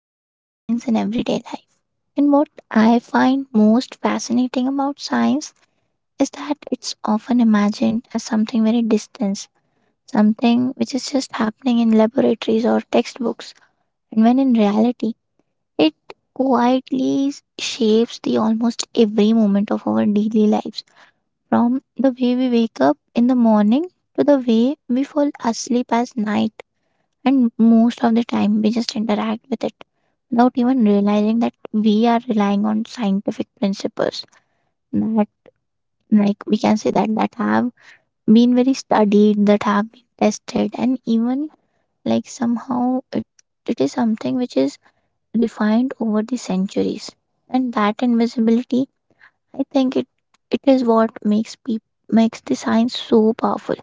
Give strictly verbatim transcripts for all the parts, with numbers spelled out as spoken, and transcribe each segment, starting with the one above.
which is science in everyday life. And what I find most fascinating about science is that it's often imagined as something very distant, something which is just happening in laboratories or textbooks. And when in reality, it quietly s- shapes the almost every moment of our daily lives from the way we wake up in the morning to the way we fall asleep at night, and most of the time, we just interact with it without even realizing that we are relying on scientific principles that, like, we can say that that have been very studied, that have been tested, and even like somehow it, it is something which is refined over the centuries. And that invisibility, I think it it is what makes people makes the science so powerful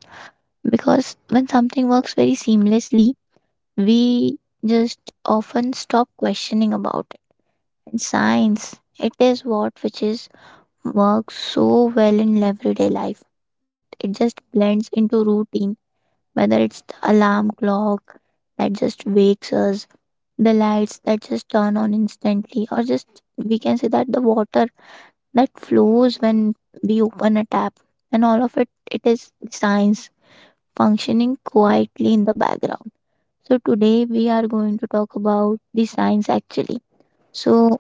because when something works very seamlessly we just often stop questioning about it, and science it is what which is works so well in everyday life that it just blends into routine, whether it's the alarm clock that just wakes us, the lights that just turn on instantly, or just we can say that the water that flows when we open a tap, and all of it it is science functioning quietly in the background. So, today we are going to talk about the science actually. So,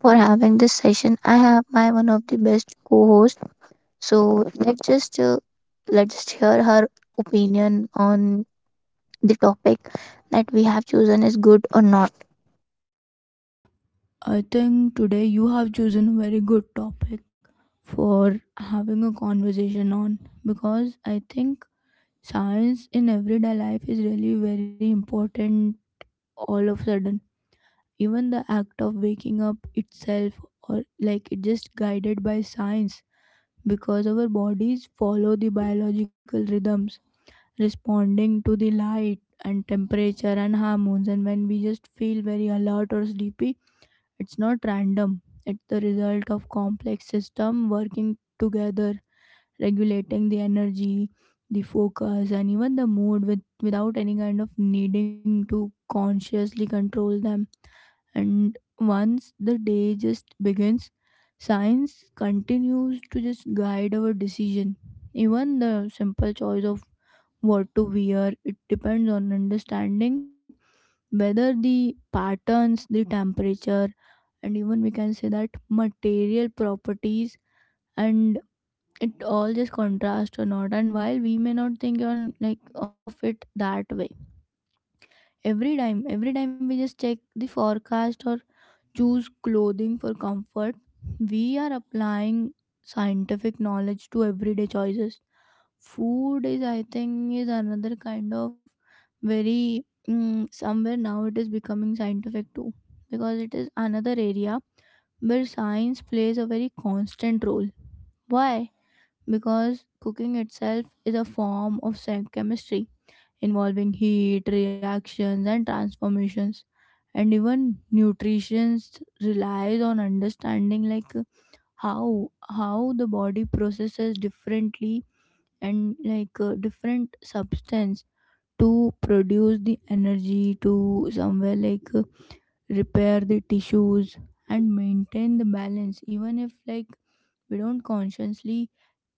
for having this session, I have my one of the best co host. So, let's just uh, let's just hear her opinion on the topic that we have chosen is good or not. I think today you have chosen a very good topic for having a conversation on because I think science in everyday life is really very important all of a sudden. Even the act of waking up itself or like it just guided by science because our bodies follow the biological rhythms responding to the light and temperature and hormones, and when we just feel very alert or sleepy, it's not random. It's the result of complex system working together, regulating the energy, the focus, and even the mood with, without any kind of needing to consciously control them. And once the day just begins, science continues to just guide our decision. Even the simple choice of what to wear, it depends on understanding whether the patterns, the temperature, and even we can say that material properties and it all just contrast or not. And while we may not think on like of it that way, every time every time we just check the forecast or choose clothing for comfort, we are applying scientific knowledge to everyday choices. Food is, I think, is another kind of very mm, somewhere now it is becoming scientific too, because it is another area where science plays a very constant role. Why? Because cooking itself is a form of sa- chemistry involving heat, reactions, and transformations. And even nutrition relies on understanding like uh, how how the body processes differently and like uh, different substance to produce the energy, to somewhere like uh, repair the tissues and maintain the balance, even if like we don't consciously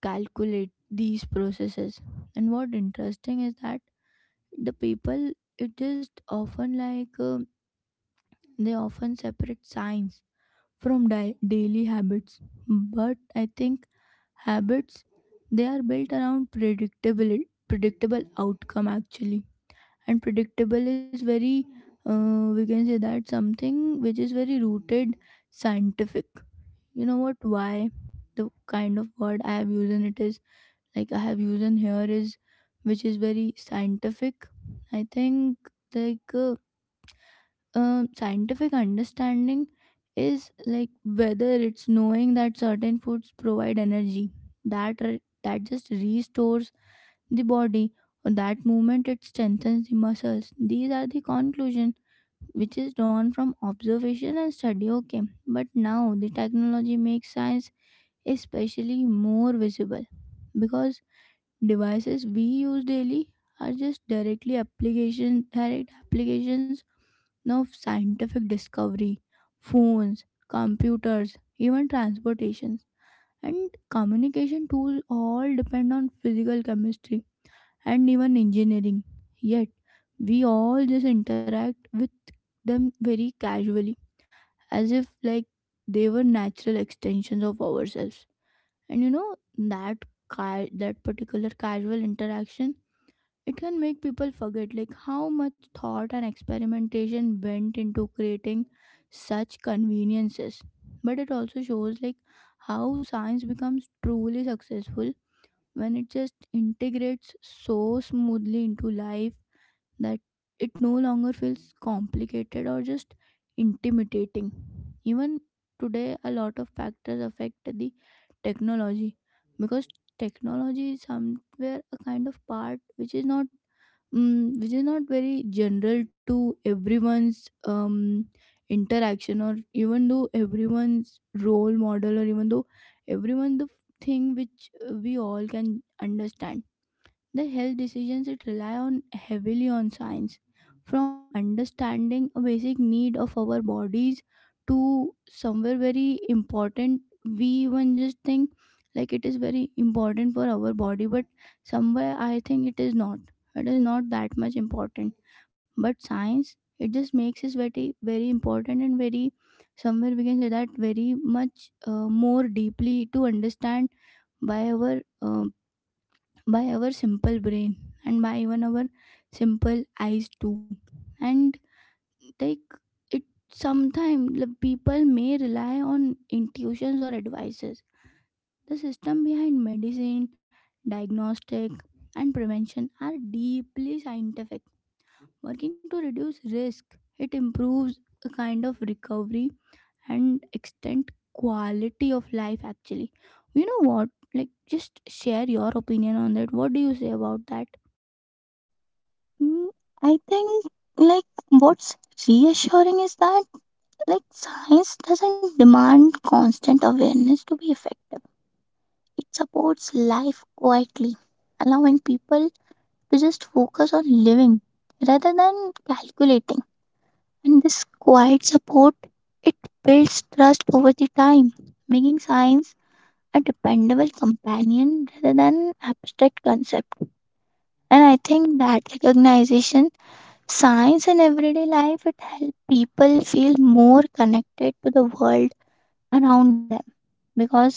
calculate these processes. And what interesting is that the people, it just often like um, they often separate science from di- daily habits. But I think habits, they are built around predictable predictable outcome actually. And predictable is very uh, we can say that something which is very rooted scientific. You know what, why the kind of word I have used in it is, like I have used in here is, which is very scientific. I think like uh, um, scientific understanding is like whether it's knowing that certain foods provide energy that re- that just restores the body, or that movement it strengthens the muscles. These are the conclusion which is drawn from observation and study, okay? But now the technology makes science especially more visible, because devices we use daily are just directly application, direct applications now of scientific discovery. Phones, computers, even transportations and communication tools all depend on physical chemistry and even engineering. Yet we all just interact with them very casually, as if like they were natural extensions of ourselves. And you know that ca- that particular casual interaction, it can make people forget like how much thought and experimentation went into creating such conveniences. But it also shows like how science becomes truly successful when it just integrates so smoothly into life that it no longer feels complicated or just intimidating. Even today, a lot of factors affect the technology, because technology is somewhere a kind of part which is not mm, which is not very general to everyone's um, interaction, or even though everyone's role model, or even though everyone the f- thing which uh, we all can understand. Their health decisions, it rely on heavily on science, from understanding a basic need of our bodies to somewhere very important. We even just think like it is very important for our body, but somewhere I think it is not. It is not that much important, but science it just makes us very very important, and very somewhere we can say that very much uh, more deeply to understand by our um, by our simple brain, and by even our simple eyes too. And like it, sometimes people may rely on intuitions or advices. The system behind medicine, diagnostic, and prevention are deeply scientific, working to reduce risk, it improves a kind of recovery and extend quality of life actually. You know what, like just share your opinion on that. What do you say about that? Mm, I think like what's reassuring is that like science doesn't demand constant awareness to be effective. It supports life quietly, allowing people to just focus on living rather than calculating. And this quiet support it builds trust over the time, making science a dependable companion rather than abstract concept. And I think that recognition, science in everyday life, it helps people feel more connected to the world around them because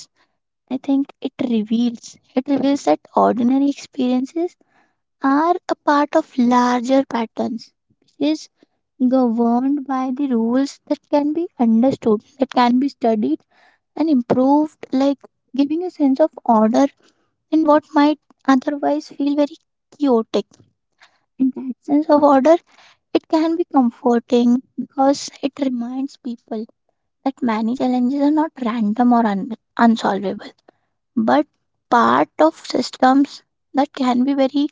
I think it reveals it reveals that ordinary experiences are a part of larger patterns which is governed by the rules that can be understood, that can be studied and improved, like giving a sense of order in what might otherwise feel very chaotic. In that sense of order it can be comforting because it reminds people that many challenges are not random or un- unsolvable but part of systems that can be very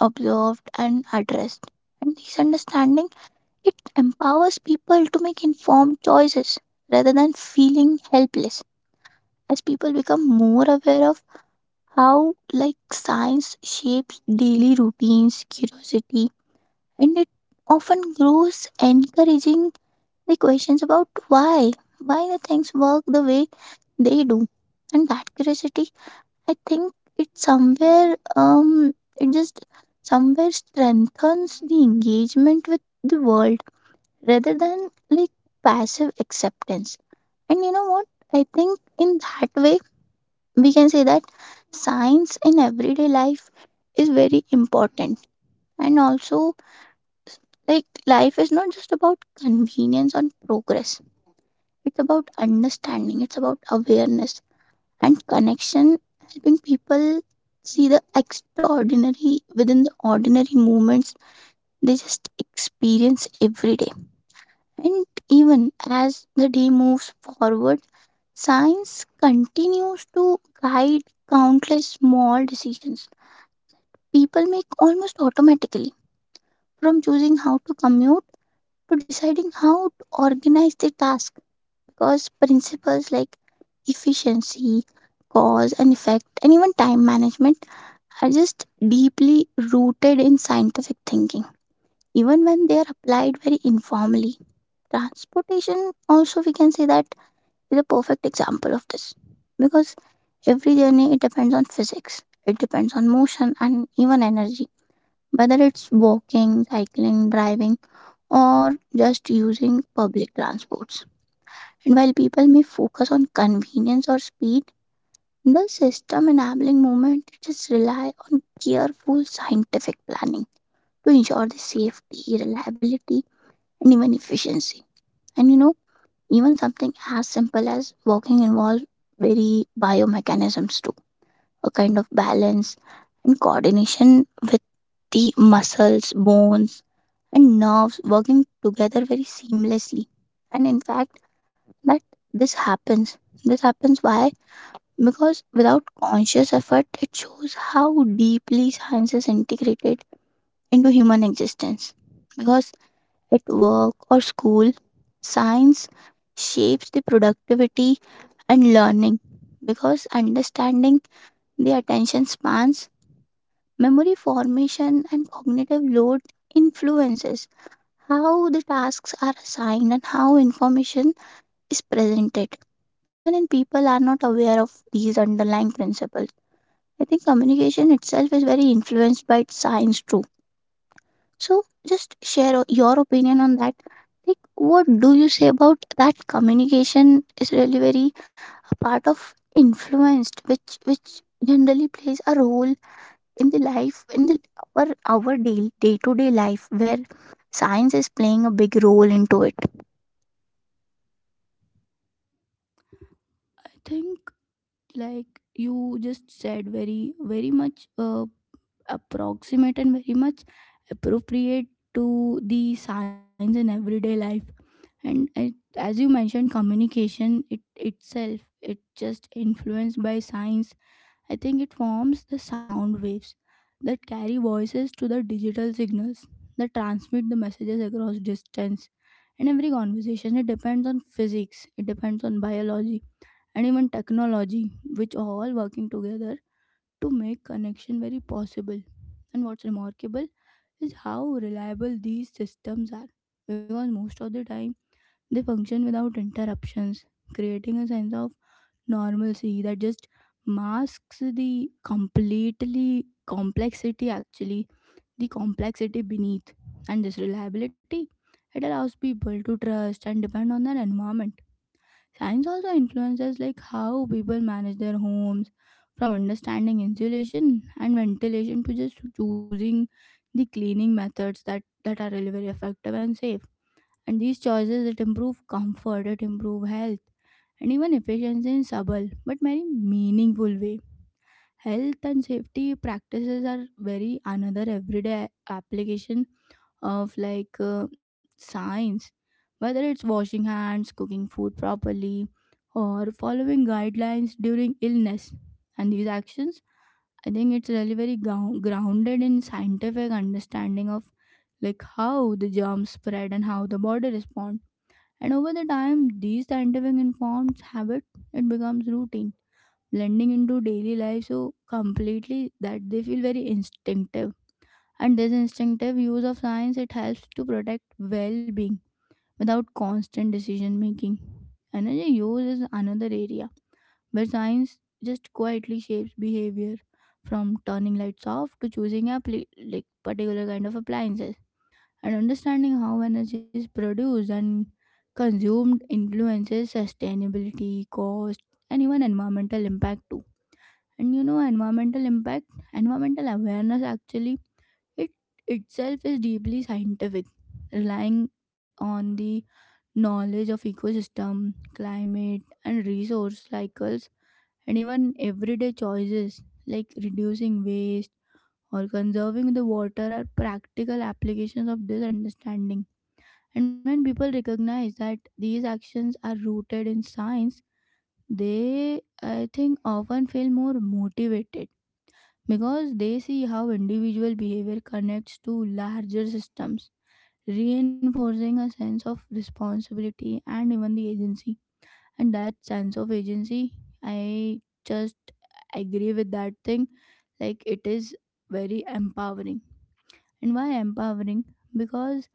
observed, and addressed. And this understanding it empowers people to make informed choices rather than feeling helpless. As people become more aware of how like science shapes daily routines, curiosity, and it often grows encouraging the questions about why why the things work the way they do. And that curiosity, I think it somewhere um it just somewhere strengthens the engagement with the world rather than like passive acceptance. And you know what? I think in that way we can say that science in everyday life is very important, and also like life is not just about convenience and progress, it's about understanding, it's about awareness and connection, helping people see the extraordinary within the ordinary moments they just experience every day. And even as the day moves forward, science continues to guide countless small decisions people make almost automatically, from choosing how to commute to deciding how to organize their task, because principles like efficiency, cause and effect, and even time management are just deeply rooted in scientific thinking, even when they are applied very informally. Transportation, also, we can say that is a perfect example of this because every journey it depends on physics, it depends on motion and even energy, whether it's walking, cycling, driving, or just using public transports. And while people may focus on convenience or speed, the system enabling movement just rely on careful scientific planning to ensure the safety, reliability, and even efficiency. And you know, even something as simple as walking involves very biomechanisms too, a kind of balance and coordination with the muscles, bones, and nerves working together very seamlessly. And in fact, that this happens. This happens why? Because without conscious effort, it shows how deeply science is integrated into human existence. Because at work or school, science shapes the productivity and learning. Because understanding the attention spans, memory formation, and cognitive load influences how the tasks are assigned and how information is presented. Even when people are not aware of these underlying principles, I think communication itself is very influenced by its science too. So just share o- your opinion on that. Like, what do you say about that? Communication is really very a part of influenced, which which generally plays a role in the life, in the our our day day to day life where science is playing a big role into it. I think like you just said very very much uh, approximate and very much appropriate to the science in everyday life. And it, as you mentioned, communication it itself, it just influenced by science. I think it forms the sound waves that carry voices to the digital signals that transmit the messages across distance. And every conversation, it depends on physics, it depends on biology and even technology, which are all working together to make connection very possible. And what's remarkable is how reliable these systems are, because most of the time they function without interruptions, creating a sense of normalcy that just masks the completely complexity actually, the complexity beneath. And this reliability, it allows people to trust and depend on their environment. Science also influences like how people manage their homes, from understanding insulation and ventilation to just choosing the cleaning methods that that are really very effective and safe. And these choices, it improve comfort, it improve health, and even efficiency in subtle but very meaningful way. Health and safety practices are very another everyday application of like uh, science, whether it's washing hands, cooking food properly, or following guidelines during illness. And these actions, I think it's really very gou- grounded in scientific understanding of like how the germs spread and how the body respond. And over the time, these scientific informed habit, it becomes routine, blending into daily life so completely that they feel very instinctive. And this instinctive use of science, it helps to protect well-being without constant decision making. Energy use is another area where science just quietly shapes behavior, from turning lights off to choosing a pl- like particular kind of appliances. And understanding how energy is produced and consumed influences sustainability, cost, and even environmental impact too. And you know, environmental impact, environmental awareness actually, it itself is deeply scientific, relying on the knowledge of ecosystem, climate, and resource cycles. And even everyday choices like reducing waste or conserving the water are practical applications of this understanding. And when people recognize that these actions are rooted in science, they, I think, often feel more motivated, because they see how individual behavior connects to larger systems, reinforcing a sense of responsibility and even the agency. And that sense of agency, I just agree with that thing. Like it is very empowering. And why empowering? Because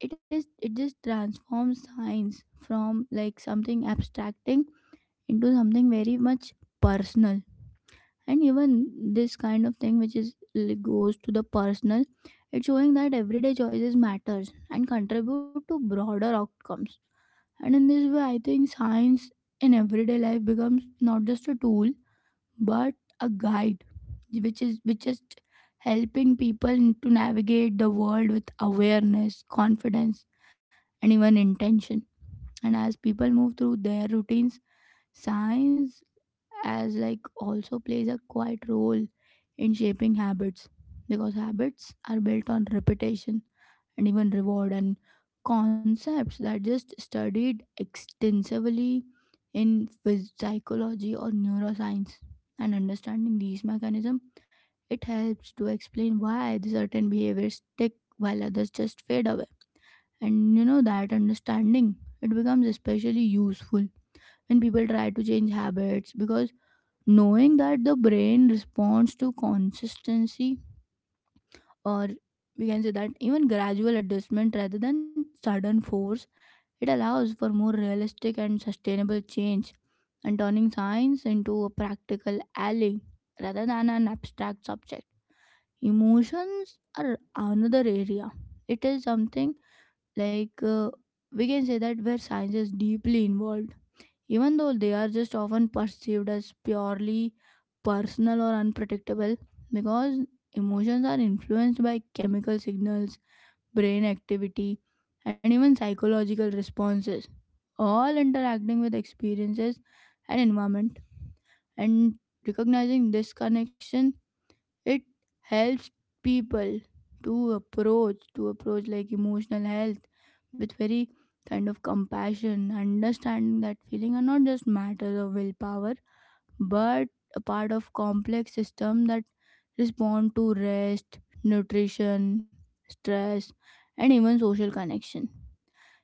it is, it just transforms science from like something abstracting into something very much personal. And even this kind of thing which is like goes to the personal, it's showing that everyday choices matters and contribute to broader outcomes. And in this way, I think science in everyday life becomes not just a tool, but a guide which is which is helping people to navigate the world with awareness, confidence, and even intention. And as people move through their routines, science as like also plays a quiet role in shaping habits, because habits are built on repetition and even reward, and concepts that just studied extensively in phys- psychology or neuroscience. And understanding these mechanisms, it helps to explain why the certain behaviors stick while others just fade away. And you know, that understanding, it becomes especially useful when people try to change habits, because knowing that the brain responds to consistency, or we can say that even gradual adjustment rather than sudden force, it allows for more realistic and sustainable change, and turning science into a practical ally rather than an abstract subject. Emotions are another area. It is something like uh, we can say that where science is deeply involved, even though they are just often perceived as purely personal or unpredictable, because emotions are influenced by chemical signals, brain activity, and even psychological responses, all interacting with experiences and environment. And recognizing this connection, it helps people to approach to approach like emotional health with very kind of compassion, understanding that feeling are not just matters of willpower, but a part of complex system that respond to rest, nutrition, stress, and even social connection.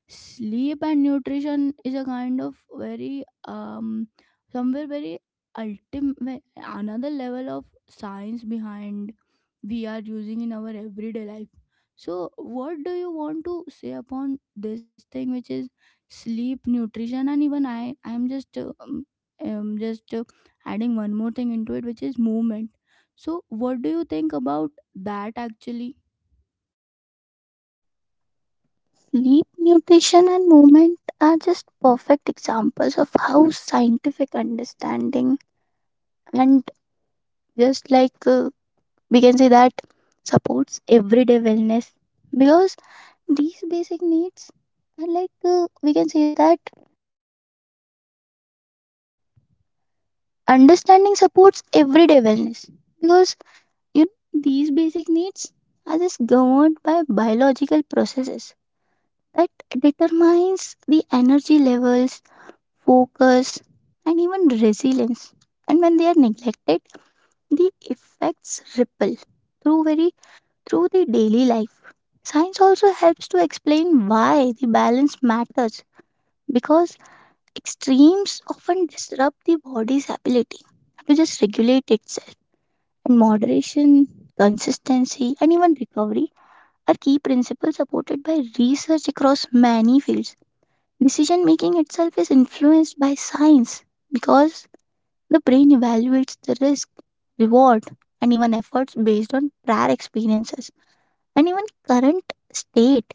Sleep and nutrition is a kind of very um somewhere very ultimate another level of science behind we are using in our everyday life. So what do you want to say upon this thing which is sleep, nutrition, and even I I am just uh, um, um, just uh, adding one more thing into it, which is movement. So what do you think about that actually? Sleep, nutrition, and movement are just perfect examples of how scientific understanding and just like uh, we can say that supports everyday wellness because these basic needs are like uh, we can say that understanding supports everyday wellness because you know, these basic needs are just governed by biological processes that determines the energy levels, focus, and even resilience, and when they are neglected the effects ripple through very through the daily life. Science also helps to explain why the balance matters because extremes often disrupt the body's ability to just regulate itself. And moderation, consistency, and even recovery are key principles supported by research across many fields. Decision making itself is influenced by science because the brain evaluates the risk, reward, and even efforts based on prior experiences and even current state,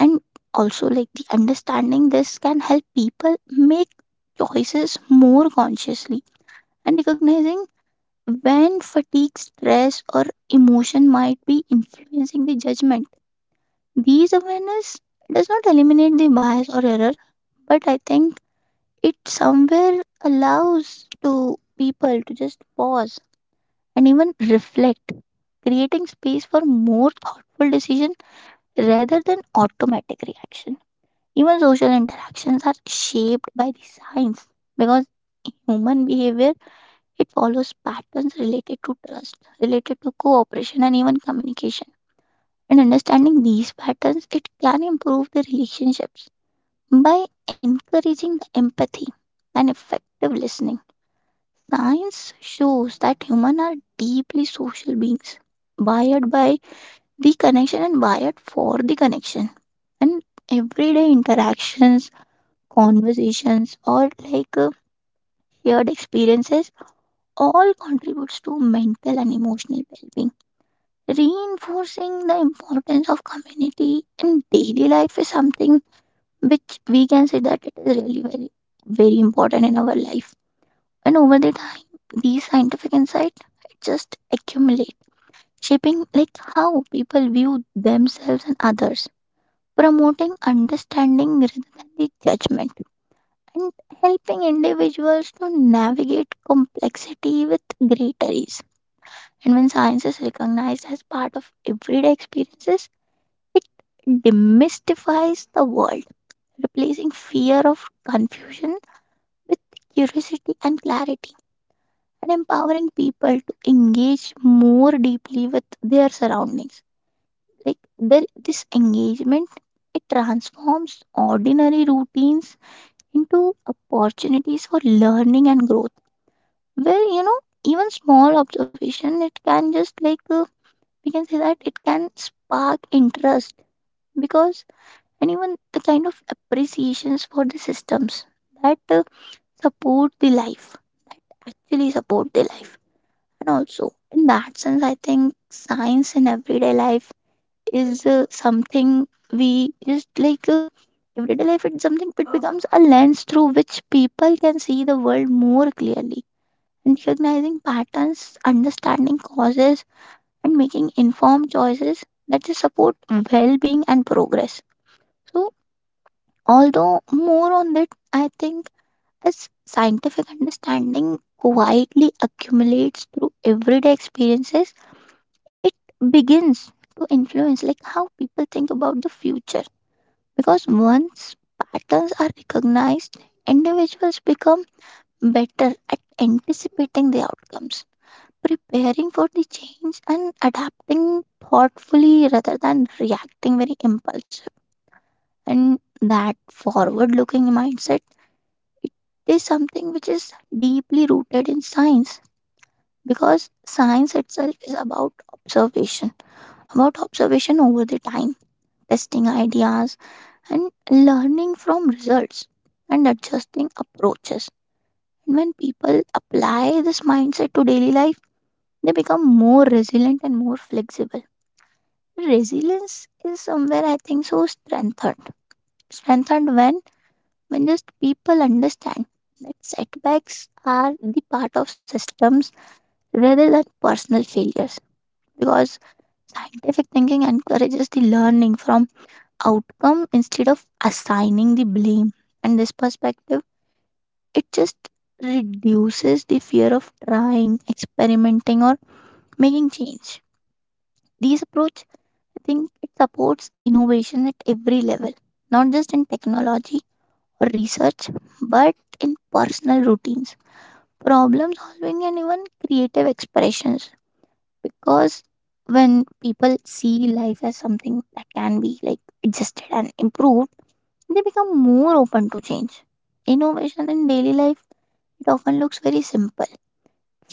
and also like the understanding this can help people make choices more consciously and recognizing when fatigue, stress or emotion might be influencing the judgment. These awareness does not eliminate the bias or error, but I think it somewhere allows to people to just pause and even reflect, creating space for more thoughtful decision rather than automatic reaction. Even social interactions are shaped by the science because in human behavior it follows patterns related to trust, related to cooperation, and even communication. And understanding these patterns, it can improve the relationships by encouraging the empathy and effective listening. Science shows that humans are deeply social beings, wired by the connection and wired for the connection. And everyday interactions, conversations or like uh, shared experiences all contributes to mental and emotional well-being, reinforcing the importance of community in daily life is something which we can say that it is really very very important in our life. And over the time these scientific insights just accumulate, shaping like how people view themselves and others, promoting understanding rather than the judgment, and helping individuals to navigate complexity with greater ease. And when science is recognized as part of everyday experiences, it demystifies the world, replacing fear of confusion with curiosity and clarity, and empowering people to engage more deeply with their surroundings. Like there, this engagement, it transforms ordinary routines into opportunities for learning and growth. Well, you know, even small observation, it can just like uh, we can say that it can spark interest because, and even the kind of appreciations for the systems that uh, support the life, that actually support the life, and also in that sense, I think science in everyday life is uh, something we just like uh, everyday life. It's something it becomes a lens through which people can see the world more clearly, recognizing patterns, understanding causes, and making informed choices that they support well being and progress. So, although more on that, I think as scientific understanding quietly accumulates through everyday experiences, it begins to influence like how people think about the future because once patterns are recognized individuals become better at anticipating the outcomes, preparing for the change and adapting thoughtfully rather than reacting very impulsive. And that forward looking mindset is something which is deeply rooted in science because science itself is about observation, about observation over the time, testing ideas and learning from results, and adjusting approaches, and when people apply this mindset to daily life they become more resilient and more flexible. Resilience is somewhere I think so strengthened. Strengthened when when just people understand that setbacks are the part of systems rather than personal failures. Because scientific thinking encourages the learning from outcome instead of assigning the blame. And this perspective, it just reduces the fear of trying, experimenting, or making change. These approach, I think it supports innovation at every level, not just in technology or research, but in personal routines, problem solving, and even creative expressions. Because when people see life as something that can be like adjusted and improved, they become more open to change. Innovation in daily life it often looks very simple.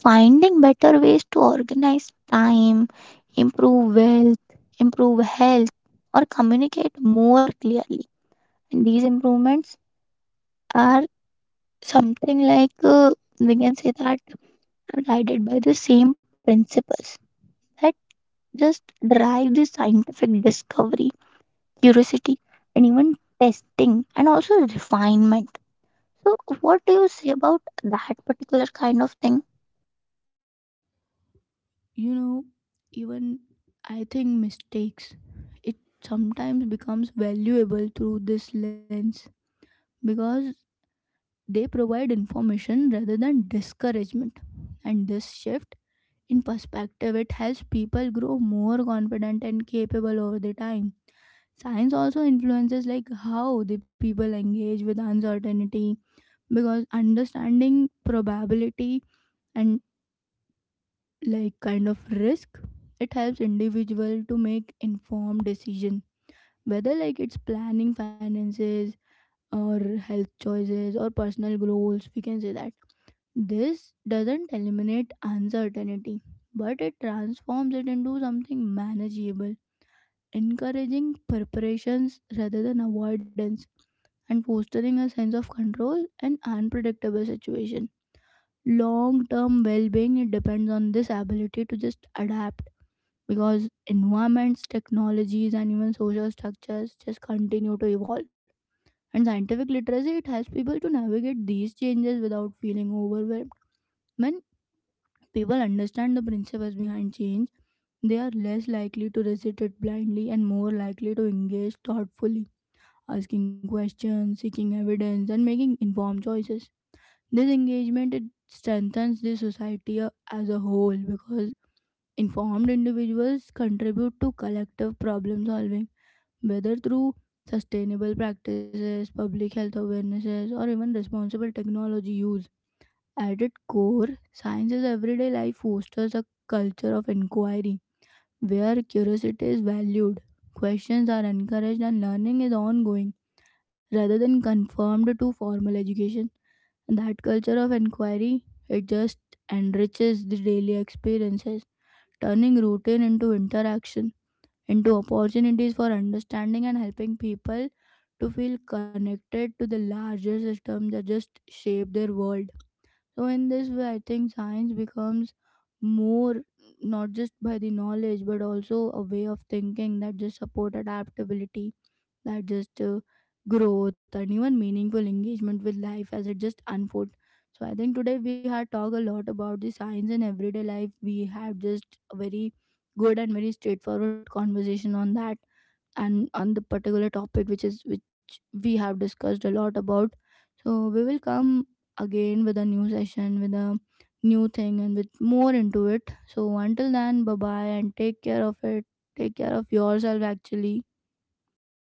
Finding better ways to organize time, improve wealth, improve health, or communicate more clearly. And these improvements are something like uh, we can say that are guided by the same principles that just drive the scientific discovery, curiosity, and even testing and also refinement. So, what do you say about that particular kind of thing? You know, even I think mistakes, it sometimes becomes valuable through this lens, because they provide information rather than discouragement. And this shift in perspective, it helps people grow more confident and capable over the time. Science also influences like how the people engage with uncertainty, because understanding probability and like kind of risk, it helps individual to make informed decision, whether like it's planning finances or health choices or personal goals. We can say that this doesn't eliminate uncertainty, but it transforms it into something manageable, encouraging preparations rather than avoidance, and fostering a sense of control in unpredictable situation. Long term well being, it depends on this ability to just adapt, because environments, technologies, and even social structures just continue to evolve. And scientific literacy, it helps people to navigate these changes without feeling overwhelmed. When people understand the principles behind change, they are less likely to resist it blindly, and more likely to engage thoughtfully, asking questions, seeking evidence, and making informed choices. This engagement, it strengthens the society uh, as a whole, because informed individuals contribute to collective problem solving, whether through sustainable practices, public health awarenesses, or even responsible technology use. At its core, science's everyday life fosters a culture of inquiry where curiosity is valued, questions are encouraged, and learning is ongoing rather than conformed to formal education. And that culture of inquiry, it just enriches the daily experiences, turning routine into interaction, into opportunities for understanding, and helping people to feel connected to the larger system that just shape their world. So, in this way, I think science becomes more, not just by the knowledge but also a way of thinking that just support adaptability, that just uh, growth and even meaningful engagement with life as it just unfolds. So I think today we had talked a lot about the science in everyday life. We had just a very good and very straightforward conversation on that, and on the particular topic which is which we have discussed a lot about. So we will come again with a new session, with a new thing and with more into it. So until then, bye bye and take care of it. Take care of yourself actually.